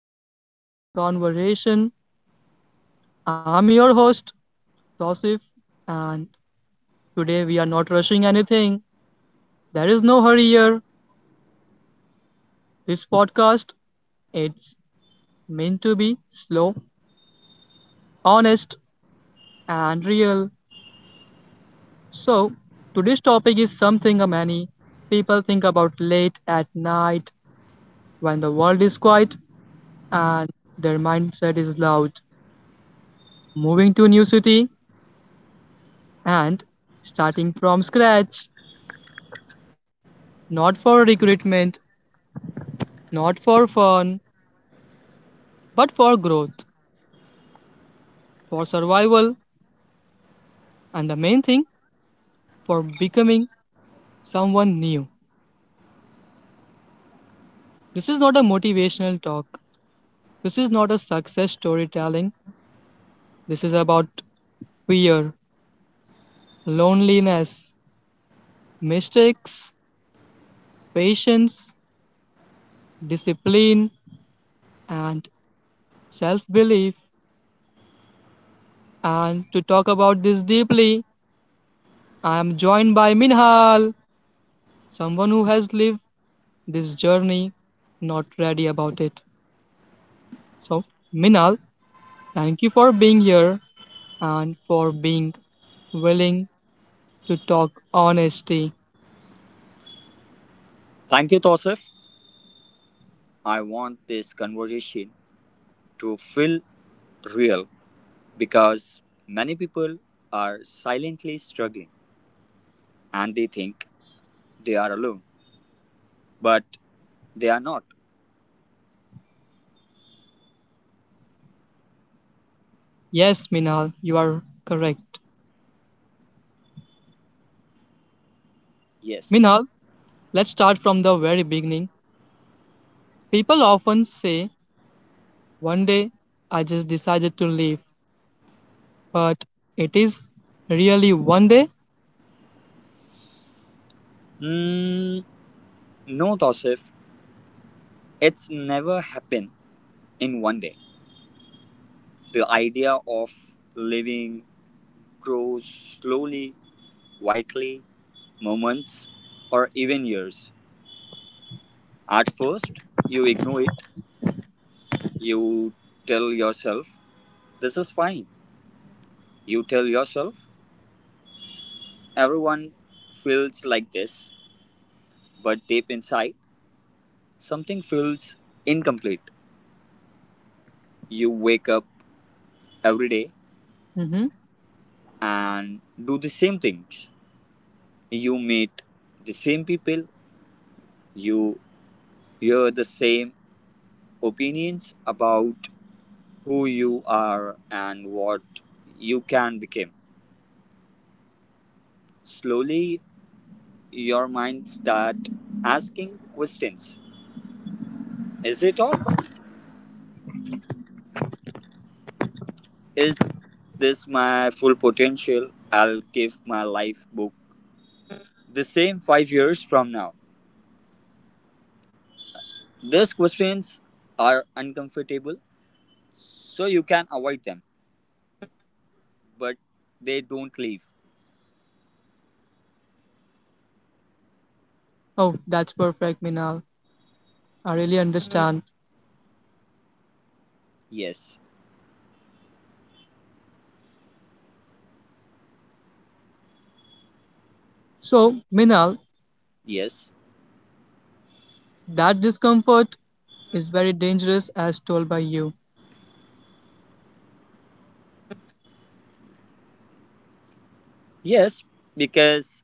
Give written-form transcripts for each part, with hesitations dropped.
To this long form conversation. I'm your host, Tosif, and today we are not rushing anything. There is no hurry here. This podcast, it's meant to be slow, honest, and real. So, today's topic is something many people think about late at night when the world is quiet and their mindset is loud. Moving to a new city and starting from scratch. Not for recruitment, not for fun, but for growth, for survival, and the main thing, for becoming someone new. This is not a motivational talk. This is not a success storytelling. This is about fear, loneliness, mistakes, patience, discipline, and self belief. And to talk about this deeply, I am joined by Minhal, someone who has lived this journey, not ready about it. So, Minal, thank you for being here and for being willing to talk honesty. Thank you, Tosif. I want this conversation to feel real because many people are silently struggling and they think they are alone, but they are not. Yes, Minal, you are correct. Yes. Minal, let's start from the very beginning. People often say, one day I just decided to leave, but it is really one day? Mm, no, Tosif. It's never happened in one day. The idea of living grows slowly, quietly, moments or even years. At first, you ignore it. You tell yourself, this is fine. You tell yourself, everyone feels like this, but deep inside, something feels incomplete. You wake up every day Mm-hmm. and do the same things. You meet the same people, you hear the same opinions about who you are and what you can become. Slowly, your mind starts asking questions. Is it all? Is this my full potential? I'll give my life book the same 5 years from now. These questions are uncomfortable so you can avoid them but they don't leave. Oh, that's perfect, Minal. I really understand. yes So, Minal, yes that discomfort is very dangerous as told by you. yes because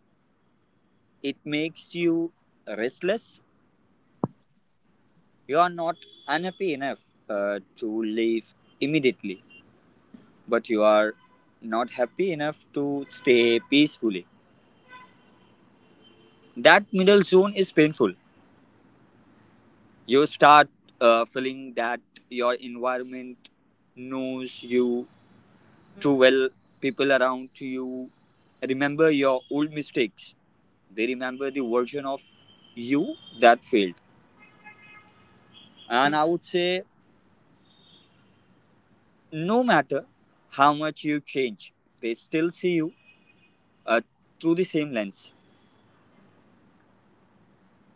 it makes you restless. You are not unhappy enough to leave immediately, but you are not happy enough to stay peacefully. That middle zone is painful. You start feeling that your environment knows you too well. People around you remember your old mistakes. They remember the version of you that failed, and I would say no matter how much you change, they still see you uh, through the same lens.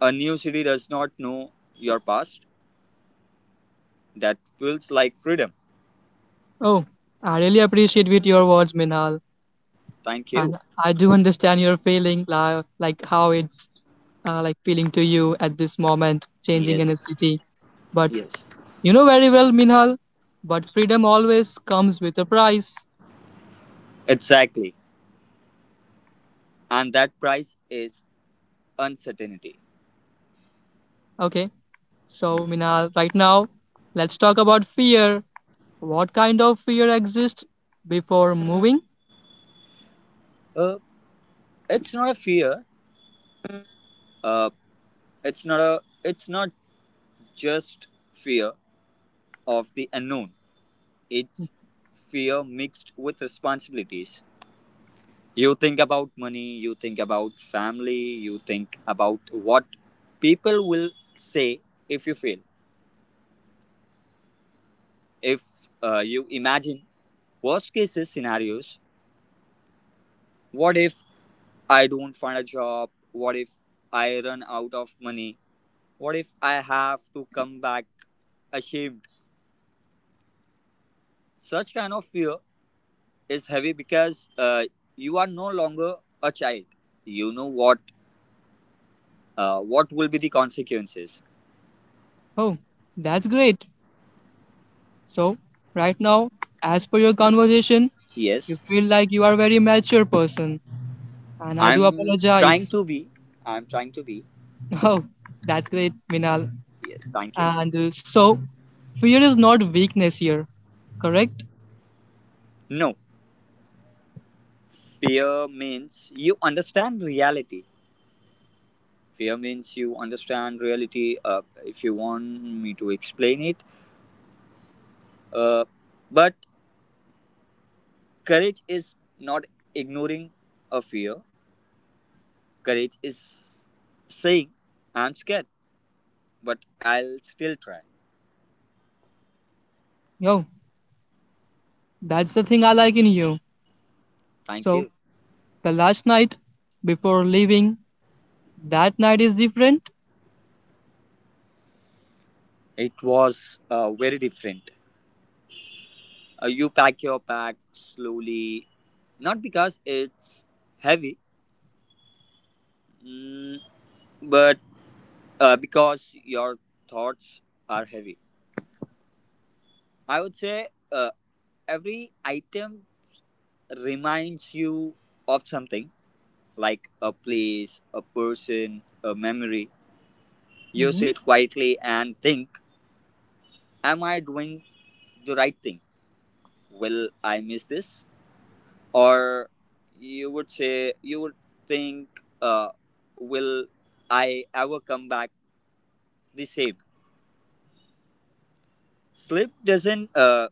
A new city does not know your past. That feels like freedom. Oh, I really appreciate with your words, Minhal, Thank you. and I do understand your feeling, like how it's like feeling to you at this moment, changing in a yes city. But yes you know very well, Minhal, but freedom always comes with a price. exactly, and that price is uncertainty. Okay, so Yeah. Minhal, right now, let's talk about fear. What kind of fear exists before moving? Uh, it's not a fear. Uh, it's not a. It's not just fear of the unknown. It's fear mixed with responsibilities. You think about money. You think about family. You think about what people will say if you fail. If You imagine worst cases scenarios. What if I don't find a job? What if I run out of money? What if I have to come back ashamed? Such kind of fear is heavy because you are no longer a child. You know what will be the consequences. Oh, that's great. So, right now, as per your conversation, you Yes, feel like you are a very mature person. And I do I'm trying apologize. to be. I'm trying to be. Oh, that's great, Minal. Yes, thank you. And so, fear is not weakness here, correct? No, fear means you understand reality. Fear means you understand reality. If you want me to explain it, uh, but courage is not ignoring a fear. Courage is saying I'm scared, but I'll still try. No, that's the thing I like in you. Thank So, you. the last night before leaving, that night is different? It was very different. You pack your pack slowly, not because it's heavy, mm, but because your thoughts are heavy. I would say every item reminds you of something like a place, a person, a memory. You Mm-hmm. sit quietly and think, am I doing the right thing? Will I miss this? Or you would say you would think, uh, will I ever come back the same? Sleep doesn't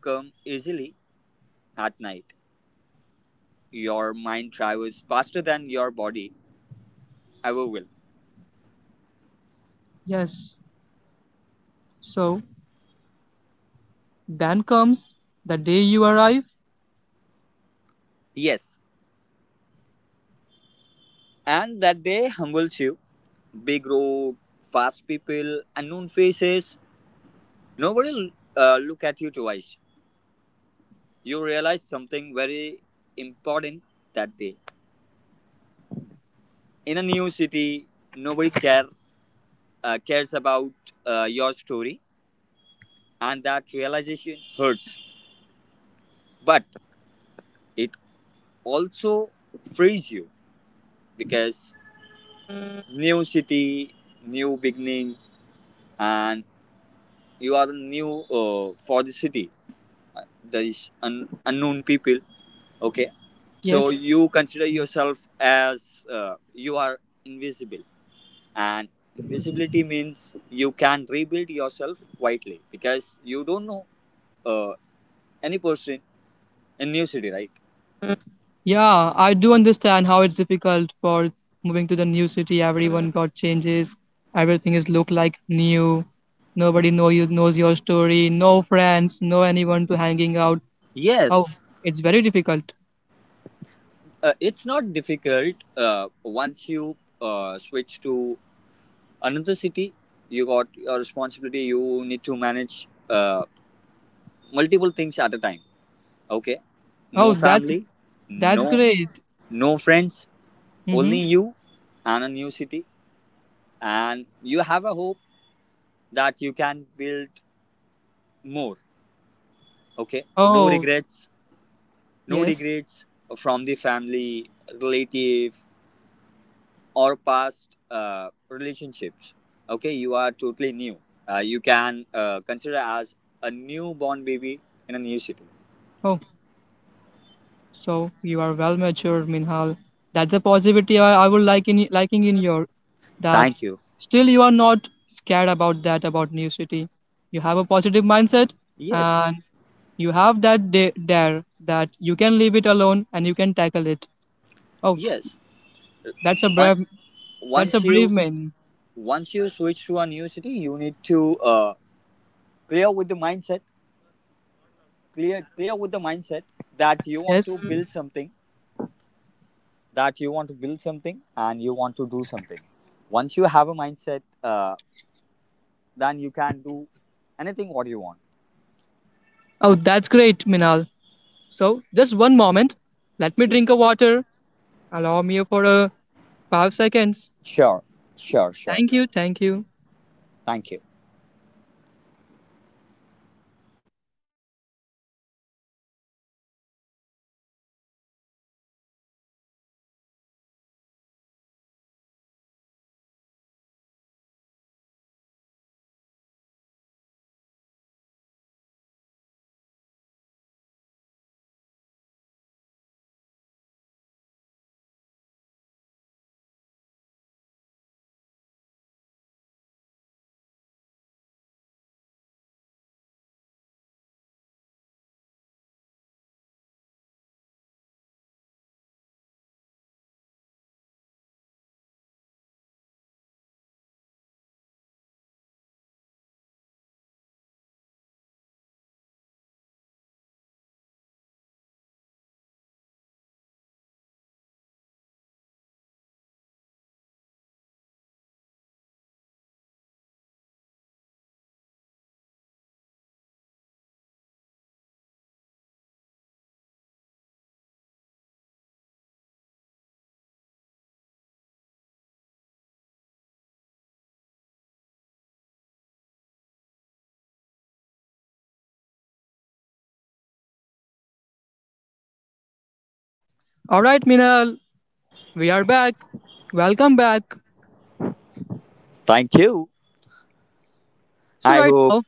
come easily at night. Your mind travels faster than your body ever will. Yes. So, then comes the day you arrive. Yes, and that day humbles you. Big road, fast people, unknown faces. Nobody look at you twice. You realize something very important that day. In a new city nobody cares about your story, and that realization hurts. But it also frees you because new city, new beginning, and you are new for the city. Uh, There is unknown people. Okay, so Yes. you consider yourself as you are invisible, and invisibility means you can rebuild yourself quietly because you don't know uh, any person in new city, right? Yeah, I do understand how it's difficult for moving to the new city. Everyone got changes. Everything is look like new. Nobody know you knows your story. No friends, no anyone to hanging out. Oh, Yes, it's very difficult. It's not difficult. Once you switch to another city, you got your responsibility. You need to manage multiple things at a time. Okay, no Oh, that's family, that's no great. no friends, only Mm-hmm. you and a new city, and you have a hope that you can build more. Okay, no Oh, regrets, no yes. regrets from the family, relative, or past relationships. Okay, you are totally new. You can consider as a newborn baby in a new city. Oh. So you are well matured, Minhal. That's a positivity I would like in liking in your that Thank you. still you are not scared about that about new city. You have a positive mindset yes and you have that dare that you can leave it alone and you can tackle it. Oh, yes that's a Once, brave that's a once you brave man. once you switch to a new city you need to uh, clear with the mindset. Clear with the mindset that you want to Yes. build something, that you want to build something and you want to do something. Once you have a mindset, uh, then you can do anything what you want. Oh, that's great, Minhal. So just one moment. Let me drink a Yes. water. Allow me for a 5 seconds. Sure, sure. Thank you, thank you. Thank you. All right, Minhal. We are back. Welcome back. Thank you. So, I right hope. now,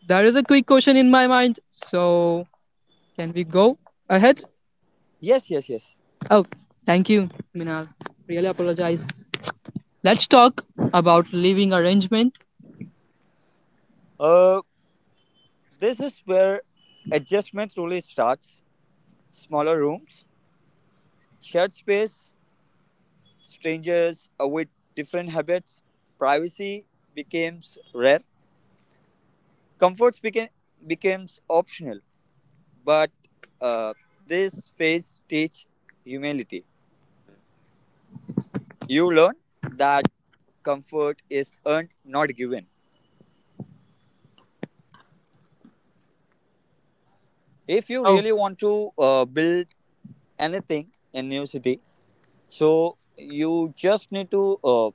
there is a quick question in my mind. So, can we go ahead? Yes, yes. Oh, thank you, Minal. Really apologize. Let's talk about living arrangement. Uh, this is where adjustment really starts. Smaller rooms, shared space, strangers with different habits, privacy becomes rare. Comforts became becomes optional, but uh, this phase teach humility. You learn that comfort is earned, not given. If you Oh, really want to build anything in new city, so you just need to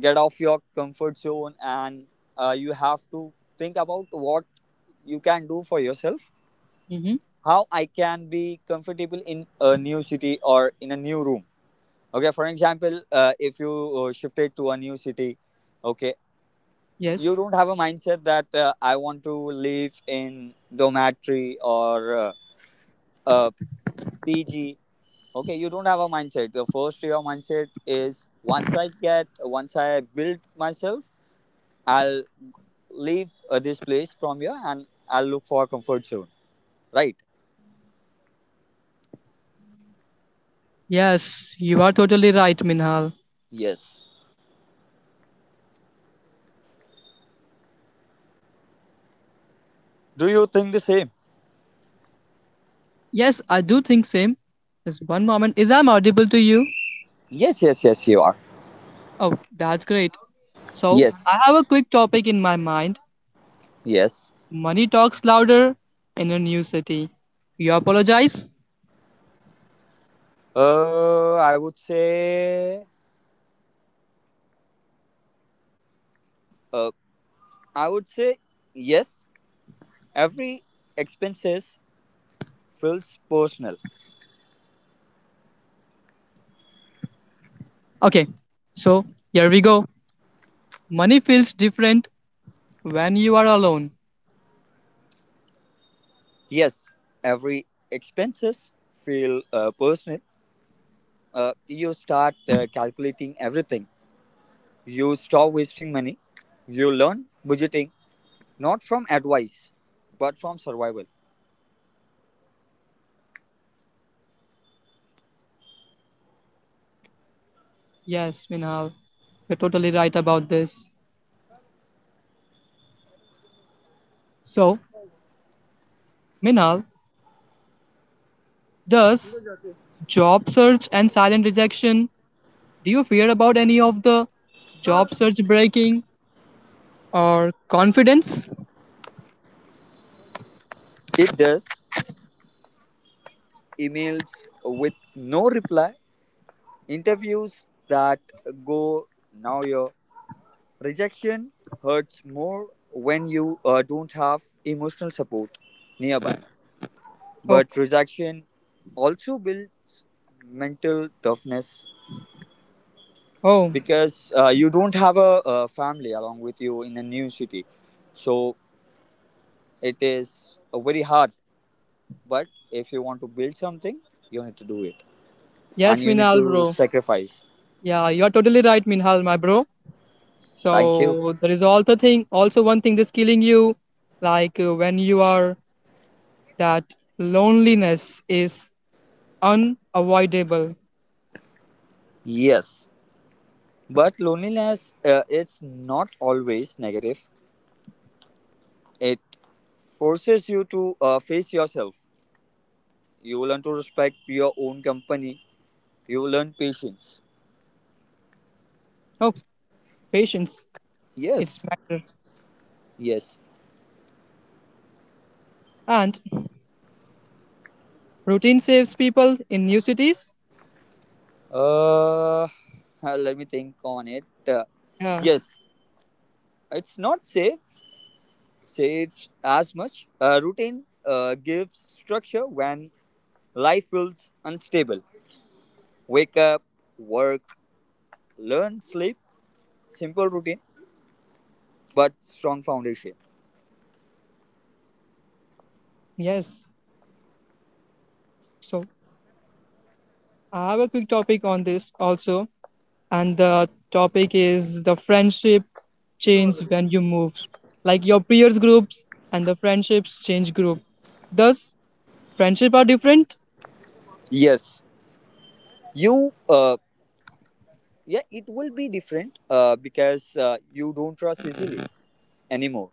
get off your comfort zone, and you have to think about what you can do for yourself. mm-hmm. How I can be comfortable in a new city or in a new room? Okay, for example, if you shifted to a new city, okay, you Yes. don't have a mindset that, I want to live in dormitory or a PG. Okay, you don't have a mindset. The first, your mindset is, once i get once I build myself, I'll leave this place from here and I'll look for a comfort zone, right? Yes, do you think the same? Yes, I do think same. Just one moment. Is I'm audible to you? Yes, you are. Oh, that's great. So yes I have a quick topic in my mind. yes Money talks louder in a new city. You apologize? I would say, uh, i would say yes, every expenses feels personal. Okay. So here we go. Money feels different when you are alone. Yes, every expenses feel personal. You start calculating everything. You stop wasting money. You learn budgeting not from advice but from survival. Yes, Minhal, you're totally right about this. So, Minhal, does job search and silent rejection, do you fear about any of the job search breaking or confidence? It does. Emails with no reply, interviews that go now, your rejection hurts more when you don't have emotional support nearby. Oh, But rejection also builds mental toughness oh, because you don't have a family along with you in a new city, so it is very hard, but if you want to build something you need to do it, and yes, you need Minhal, to bro. sacrifice. Yeah, you're totally right, Minhal, my bro. Thank you. So there is also thing, also one thing that's killing you, like when you are that loneliness is unavoidable. Yes, but loneliness, it's not always negative. It forces you to face yourself. You learn to respect your own company. You learn patience. Oh, patience, it's yes matter. yes And routine saves people in new cities. uh let me think on it uh, Yeah, yes. It's not safe, saves as much. A routine gives structure when life feels unstable. Wake up, work, learn, sleep. Simple routine, but strong foundation. yes. So I have a quick topic on this also. And the topic is the friendship change when you move, like your peers groups and the friendships change group, thus friendship are different. Yes, you. Yeah, it will be different because you don't trust easily anymore.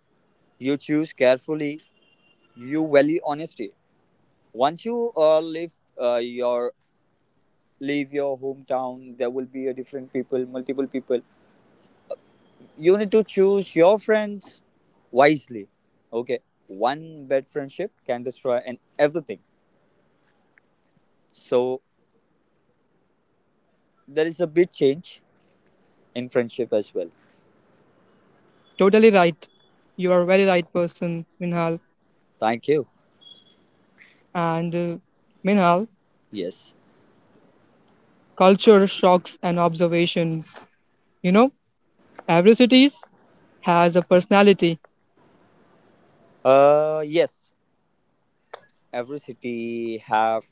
You choose carefully. You value honesty. Once you leave your leave your hometown, there will be a different people, multiple people. You need to choose your friends wisely. Okay, one bad friendship can destroy and everything. So there is a big change in friendship as well. Totally right, you are very right person, Minhal. Thank you. And Minhal, Yes. culture shocks and observations. You know, every city has a personality. Yes, every city have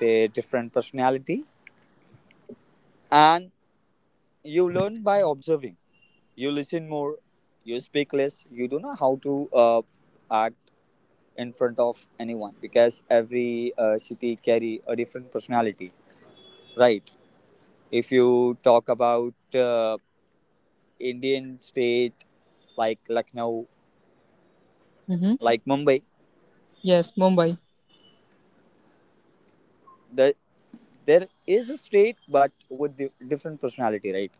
their different personality, and you learn by observing. You listen more, you speak less. You don't know how to act in front of anyone because every city carry a different personality, right? If you talk about Indian state like Lucknow, Hmm. like Mumbai, Yes, Mumbai. the, there is a state but with the different personality, right?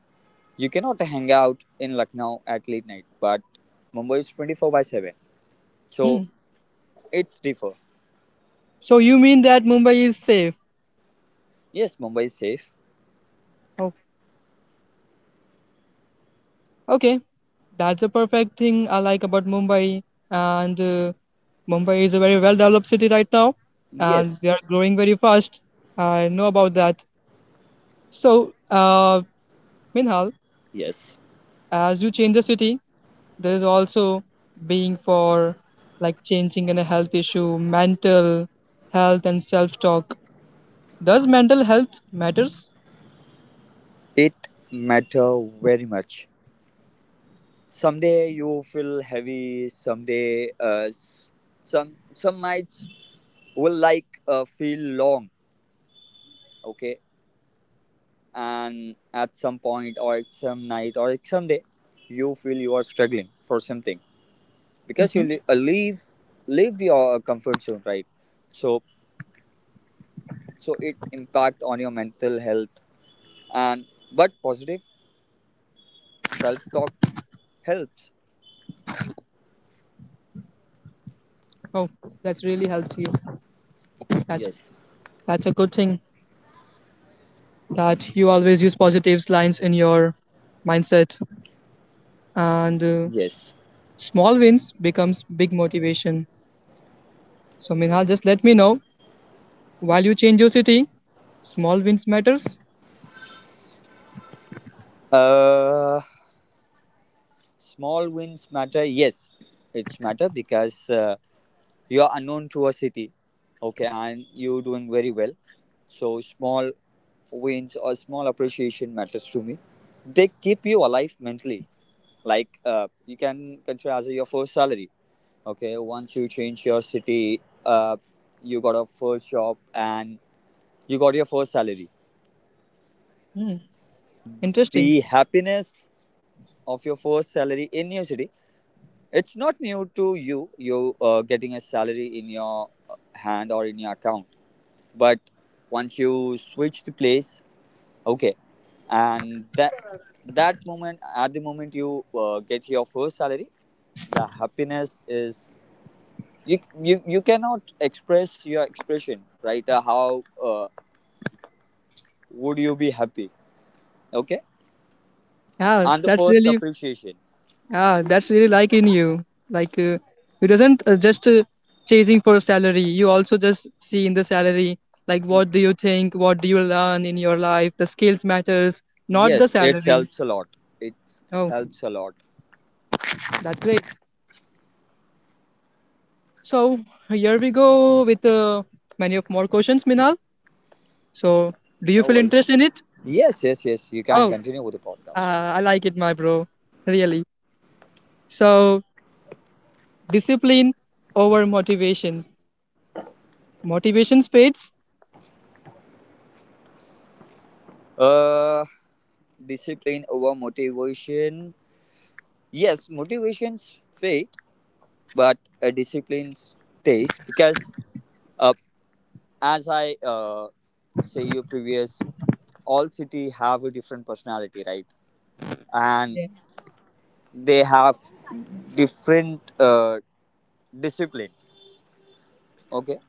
You cannot hang out in Lucknow at late night, but Mumbai is 24 by 7. So Hmm. it's differ. So you mean that Mumbai is safe? Yes, Mumbai is safe. Oh, okay. That's the perfect thing I like about Mumbai. And Mumbai is a very well developed city right now, and Yes, they are growing very fast. I know about that. So, Minhal, yes. as you change the city, there is also being for like changing in a health issue, mental health, and self talk. Does mental health matters? It matter very much. Someday you feel heavy. Someday, some nights will like feel long. Okay, and at some point or at some night or at some day, you feel you are struggling for something because you leave your comfort zone, right? So so it impact on your mental health, and but positive self talk helps. Oh, that really helps you. That's yes that's a good thing that you always use positives lines in your mindset. And yes small wins becomes big motivation. So Minhal, just let me know while you change your city, small wins matters. uh Small wins matter, yes. It's matter because you are unknown to a city. Okay, and you doing very well. So small wins or small appreciation matters to me. They keep you alive mentally. Like you can consider as your first salary. Okay, once you change your city, you got a first job and you got your first salary. Hmm, interesting. The happiness of your first salary in your city, it's not new to you. You getting a salary in your hand or in your account, but once you switch the place, okay, and that that moment at the moment you get your first salary, the happiness is, you cannot express your expression, right? How would you be happy? Okay. Yeah, And the that's first really appreciation, yeah, that's really like in you. Like you doesn't just chasing for a salary. You also just see in the salary like what do you think, what do you learn in your life. The skills matters, not the yes, it salary. helps a lot. It Oh, helps a lot. that's great. So here we go with many of more questions, Minhal. So, do you No feel worries. interest in it? Yes, you can Oh, continue with the podcast. I like it, my bro. Really. So, discipline over motivation. Motivation fades. uh Discipline over motivation, yes. Motivations fade, but a discipline stays, because uh, as I say you previous, all city have a different personality, right? And Yes. they have different discipline. Okay,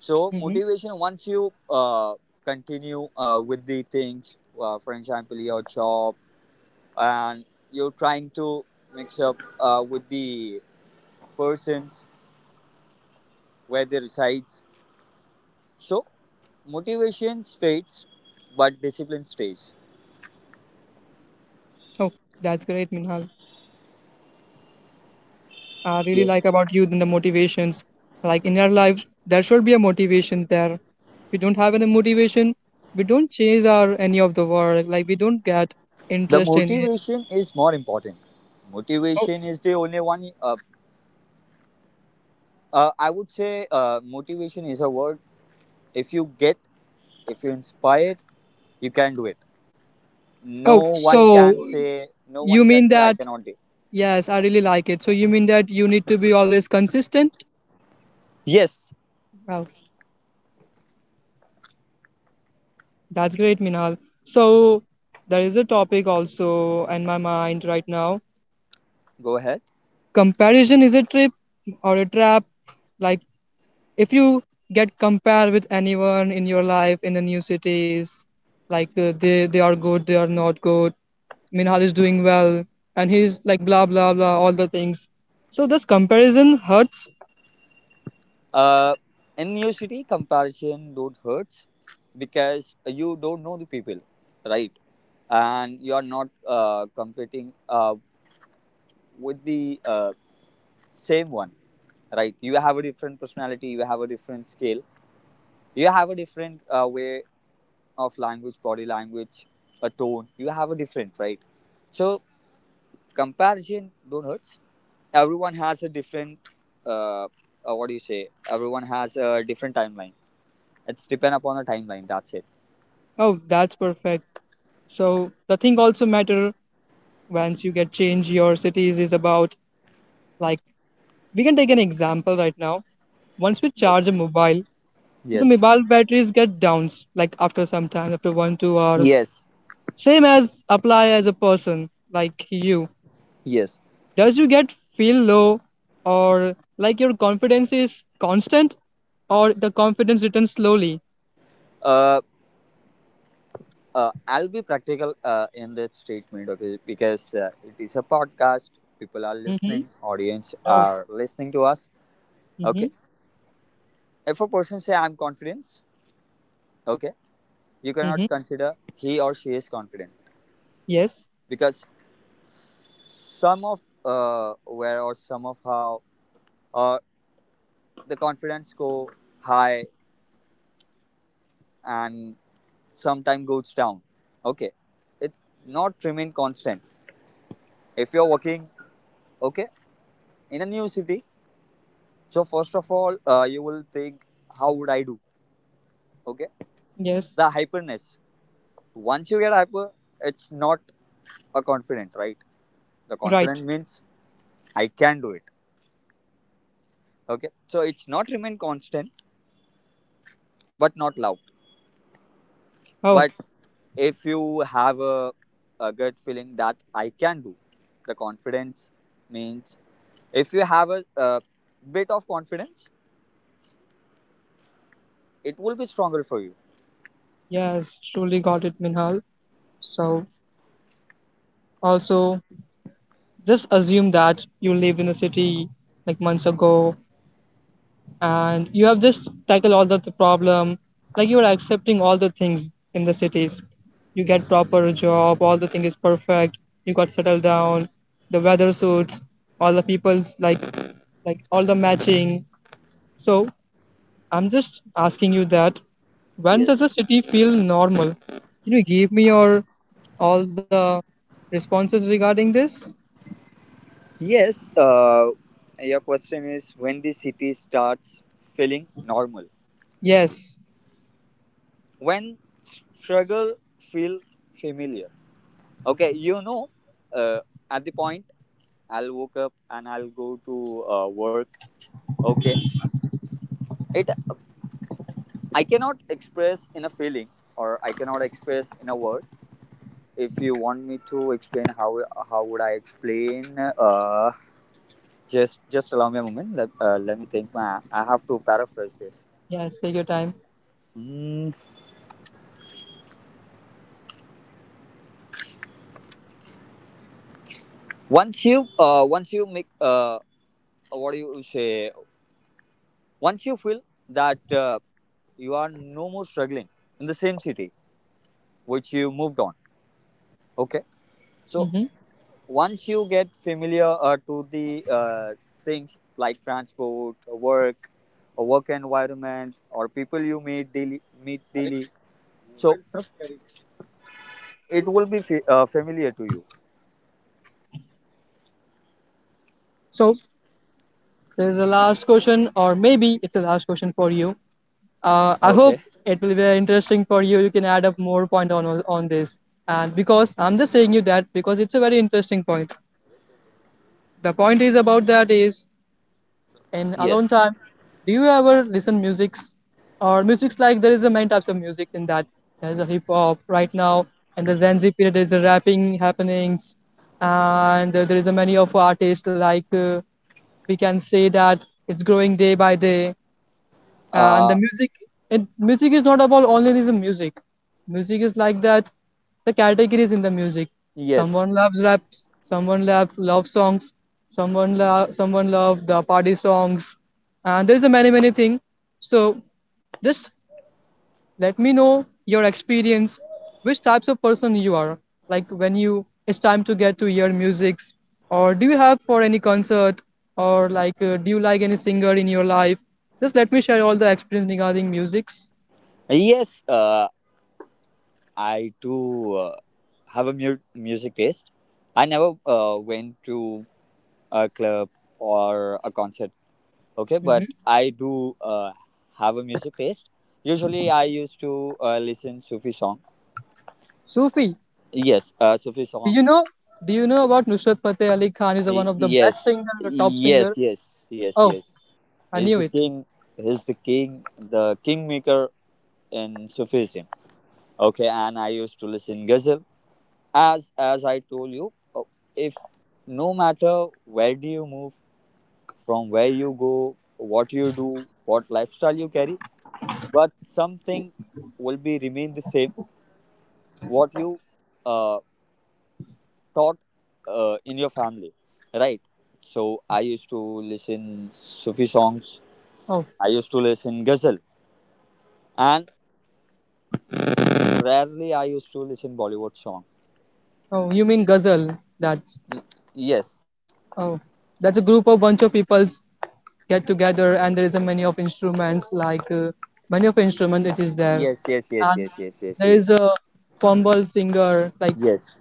so Mm-hmm. motivation, once you continue with the things, for example, your job, and you're trying to mix up with the persons where they reside. So motivation fades, but discipline stays. Oh, that's great, Minhal. I really like about you than the motivations. Like in our lives, there should be a motivation there. If we don't have any motivation. We don't chase our any of the work. Like we don't get The interest in it. motivation is more important. Oh, Motivation is the only one. I would say motivation is a word. If you get, if you inspire, you can do it. No oh. one So can say. No you one can mean say I that cannot do. yes, I really like it. So you mean that you need to be always consistent? Yes, Wow, that's great, Minal. So there is a topic also in my mind right now. go ahead. Comparison is a trip or a trap. Like if you get compared with anyone in your life in the new cities, like they are good, they are not good. Minhal is doing well, and he's like blah blah blah, all the things. So this comparison hurts. Uh, in your city, comparison don't hurt because you don't know the people, right? And you are not competing with the same one. Right, you have a different personality, you have a different scale, you have a different way of language, body language, a tone, you have a different, right? So comparison don't hurt. Everyone has a different uh, uh, what do you say, everyone has a different timeline. It's depend upon the timeline, that's it. Oh, that's perfect. So the thing also matter once you get change your cities is about like we can take an example right now, once we Yes, charge a mobile, so the yes, mobile batteries get downs like after some time, after 1 2 hours, yes, same as apply as a person like you. yes. Does you get feel low or like your confidence is constant or the confidence returns slowly? uh, I'll be practical in that statement, okay, because it is a podcast. People are Mm-hmm. listening, audience No. are listening to us. Okay. Mm-hmm. If a person say I'm confident, okay, you cannot Mm-hmm. consider he or she is confident, Yes. because some of where or some of how uh, the confidence go high and sometime goes down. Okay, it not remain constant. If you're working, okay, in a new city, so first of all, you will think, how would I do? Okay, Yes. the hyperness. Once you get hyper, it's not a confident, right? The Right. confident means I can do it. Okay. So it's not remain constant, but not loud. But Oh, if you have a gut feeling that I can do, the confidence means if you have a bit of confidence, it will be stronger for you. yes, truly got it, Minhal. So also, just assume that you lived in a city like months ago and you have just tackled all the problem, like you are accepting all the things in the cities, you get proper job, all the thing is perfect, you got settled down, the weather suits, all the people's like all the matching. So I'm just asking you that, when does the Yes. city feel normal? Can you give me your all the responses regarding this? Yes. Your question is, when the city starts feeling normal, Yes. when struggle feel familiar. Okay, you know, uh, at the point I'll woke up and I'll go to work. Okay. It, I cannot express in a feeling, or I cannot express in a word. If you want me to explain how would I explain, just allow me a moment. Let, let me think. Ma, I have to paraphrase this. Yes, take your time. Mm, once you make what do you say, once you feel that you are no more struggling in the same city which you moved on, okay, so Hmm. once you get familiar to the things like transport, work, a work environment, or people you meet daily, so it will be familiar to you. So there's a last question, or maybe it's a last question for you. Okay. I hope it will be very interesting for you. You can add up more point on this, and because I'm just saying you that because it's a very interesting point. The point is about that is in alone Yes. time. Do you ever listen musics or musics? Like there is a many types of musics in that, there's a hip hop right now, and the Gen Z period is a rapping happenings, and there is a many of artists like we can say that it's growing day by day. And the Uh, music, it, music is not about only this music, music is like that the categories in the music. yes. Someone loves raps, someone love love songs, someone love the party songs, and there's a many many thing. So just let me know your experience, which types of person you are, like when you it's time to get to your musics, or do you have for any concert, or like do you like any singer in your life? Just let me share all the experience regarding musics. Yes. I do have a music taste. I never went to a club or a concert, okay, but I do have a music taste. Usually I used to listen Sufi song. Sufi, Yes, Sufi do song. you know? Do you know about Nusrat Fateh Ali Khan is one of the Yes, best singer, the top yes, singer? yes, yes, Oh, yes. I He's knew the it. king, he's the king, the kingmaker in Sufism. Okay, and I used to listen ghazal. as as I told you, uh, if no matter where do you move, from where you go, what you do, what lifestyle you carry, but something will be remain the same, what you uh, taught in your family, right? So I used to listen Sufi songs. Oh, I used to listen ghazal, and rarely I used to listen Bollywood song. oh, you mean Ghazal? That's Y- Yes, oh, that's a group of bunch of people get together and there is a many of instruments like many of instruments it is there. yes, yes, yes, And yes, yes, yes, there yes, is a fumble singer, like yes,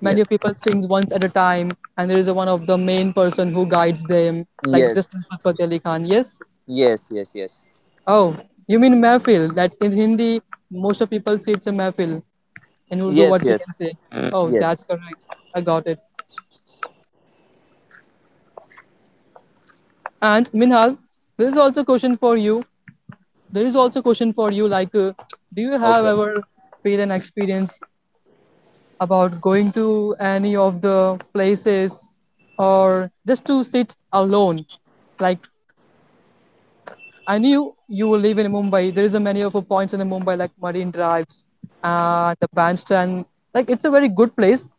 many of people sings once at a time, and there is a one of the main person who guides them, like this Nusrat Fateh Ali Khan. Yes. yes, yes, yes, Oh, you mean mehfil, that's in Hindi. Most of people say it's a mehfil, in Urdu yes, words we can yes, say. yes, Oh, that's yes. correct, I got it. And Minhal, this is also a question for you. There is also a question for you Like do you Okay. have ever feel an experience about going to any of the places or just to sit alone? Like I knew you will live in Mumbai, there is a many of the points in Mumbai like Marine Drives and the Bandstand, like it's a very good place,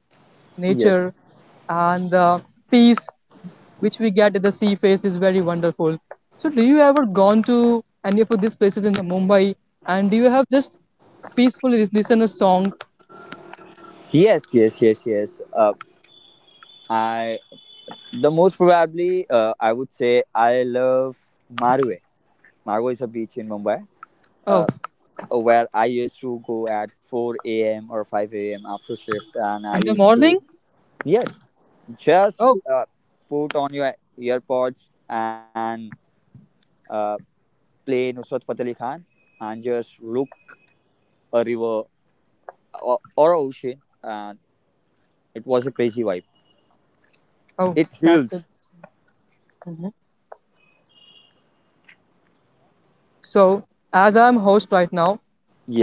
Yes. nature, and the peace which we get at the sea face is very wonderful. So, do you ever gone to any of these places in the Mumbai, and do you have just peacefully listen a song? Yes. Yes. Yes. Yes. I, the most probably I would say, I love Marwe. Margo is a beach in Mumbai, Oh, uh, where I used to go at 4 a.m. or 5 a.m. after shift, and I in the used to, morning? yes, just Oh, put on your earpods and uh, play Nusrat Fateh Ali Khan and just look a river, or a ocean, and it was a crazy vibe. oh, It that's it. heals. So, as I'm host right now,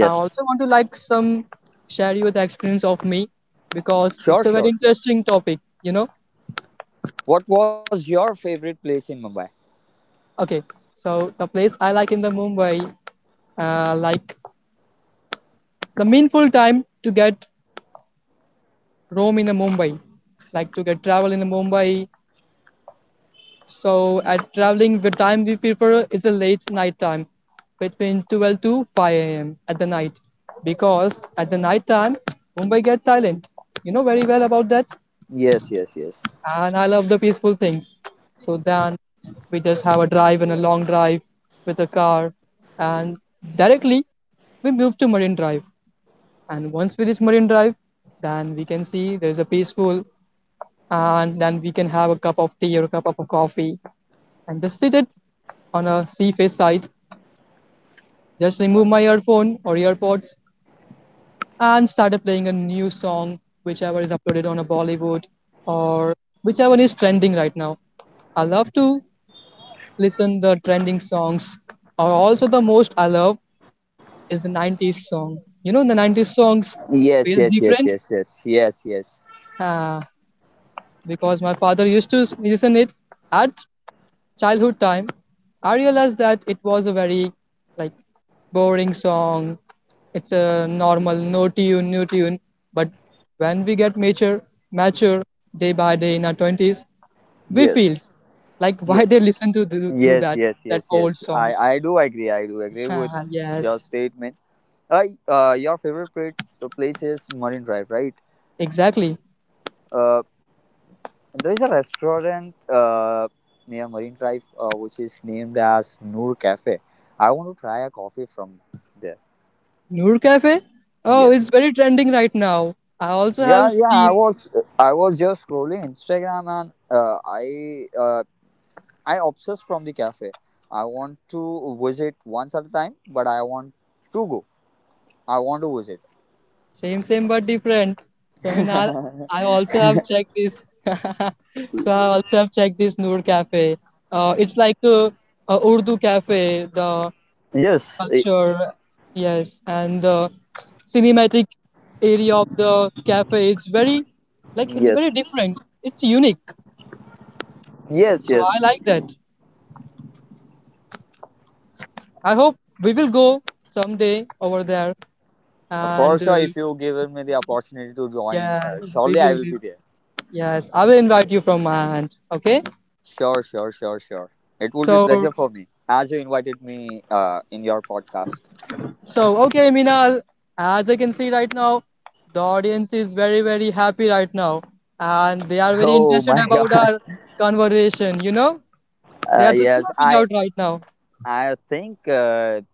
I also want to like some share you the experience of me because sure, it's a very sure, sure. interesting topic. You know. What was your favorite place in Mumbai? Okay. So the place I like in the Mumbai, like the meaningful time to get roam in the Mumbai, like to get travel in the Mumbai. So at traveling, the time we prefer is a late night time, between 12 to 5 a.m. at the night, because at the night time Mumbai gets silent. You know very well about that, Yes, yes, yes, and I love the peaceful things. So then we just have a drive and a long drive with a car, and directly we move to Marine Drive. And once we reach Marine Drive, then we can see there is a peaceful, and then we can have a cup of tea or a cup of coffee and just sit it on a sea face side. Just remove my earphone or earpods and started playing a new song, whichever is uploaded on a Bollywood or whichever is trending right now. I love to listen the trending songs. Or also the most I love is the 90s song. You know the 90s songs yes, feels yes, yes, different yes, yes, yes, yes, uh, because my father used to listen it at childhood time, I realized that it was a very like boring song. It's a normal no tune, no tune. But when we get mature, mature day by day in our twenties, we yes. feels like why they Yes. listen to do, do Yes, that yes, that yes, old yes. song. I, I do agree. I do agree with Ah, your yes, statement. Your favorite the place is Marine Drive, right? exactly. Uh, there is a restaurant near Marine Drive which is named as Noor Cafe. I want to try a coffee from there. Noor Cafe. Oh, it's Yes. very trending right now. I also Yeah, have yeah. Seen I was just scrolling Instagram and I obsessed from the cafe. I want to visit once at a time, but I want to go. I want to visit. same, same, but different. So, I mean, I also have checked this. So, I also have checked this Noor Cafe. It's like a Urdu cafe, the Yes, eh, culture, yes, and the cinematic area of the cafe. It's very, like, it's very yes, different. It's unique. yes, So, yes. I like that. I hope we will go someday over there. For And, sure, if you given me the opportunity to join, yes, we surely I will, will we, be there. yes, I will invite you from my hand. Okay? Sure, sure, sure, sure. It will be So, pleasure for me as you invited me in your podcast. so, okay, Minal, as I can see right now, the audience is very, very happy right now, and they are very Oh my interested about God! our conversation. You know, they are just Yes, clapping out right now. I think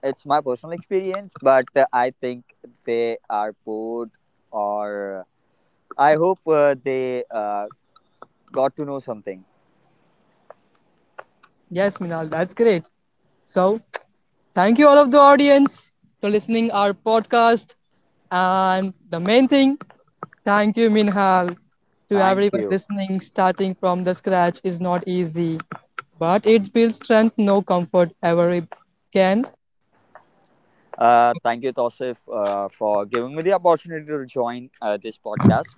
it's my personal experience, but I think they are bored, or I hope they got to know something. Yes, Minal, that's great. So, thank you all of the audience for listening our podcast, and the main thing, thank you, Minhal, to Thank everyone you. listening. Starting from the scratch is not easy, but it builds strength no comfort ever can. Thank you, Tosif, for giving me the opportunity to join this podcast.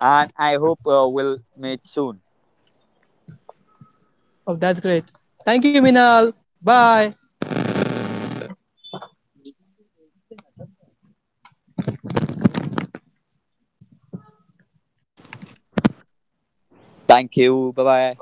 And I hope we'll meet soon. Oh, that's great. Thank you, Minal. Bye. Thank you. Bye bye.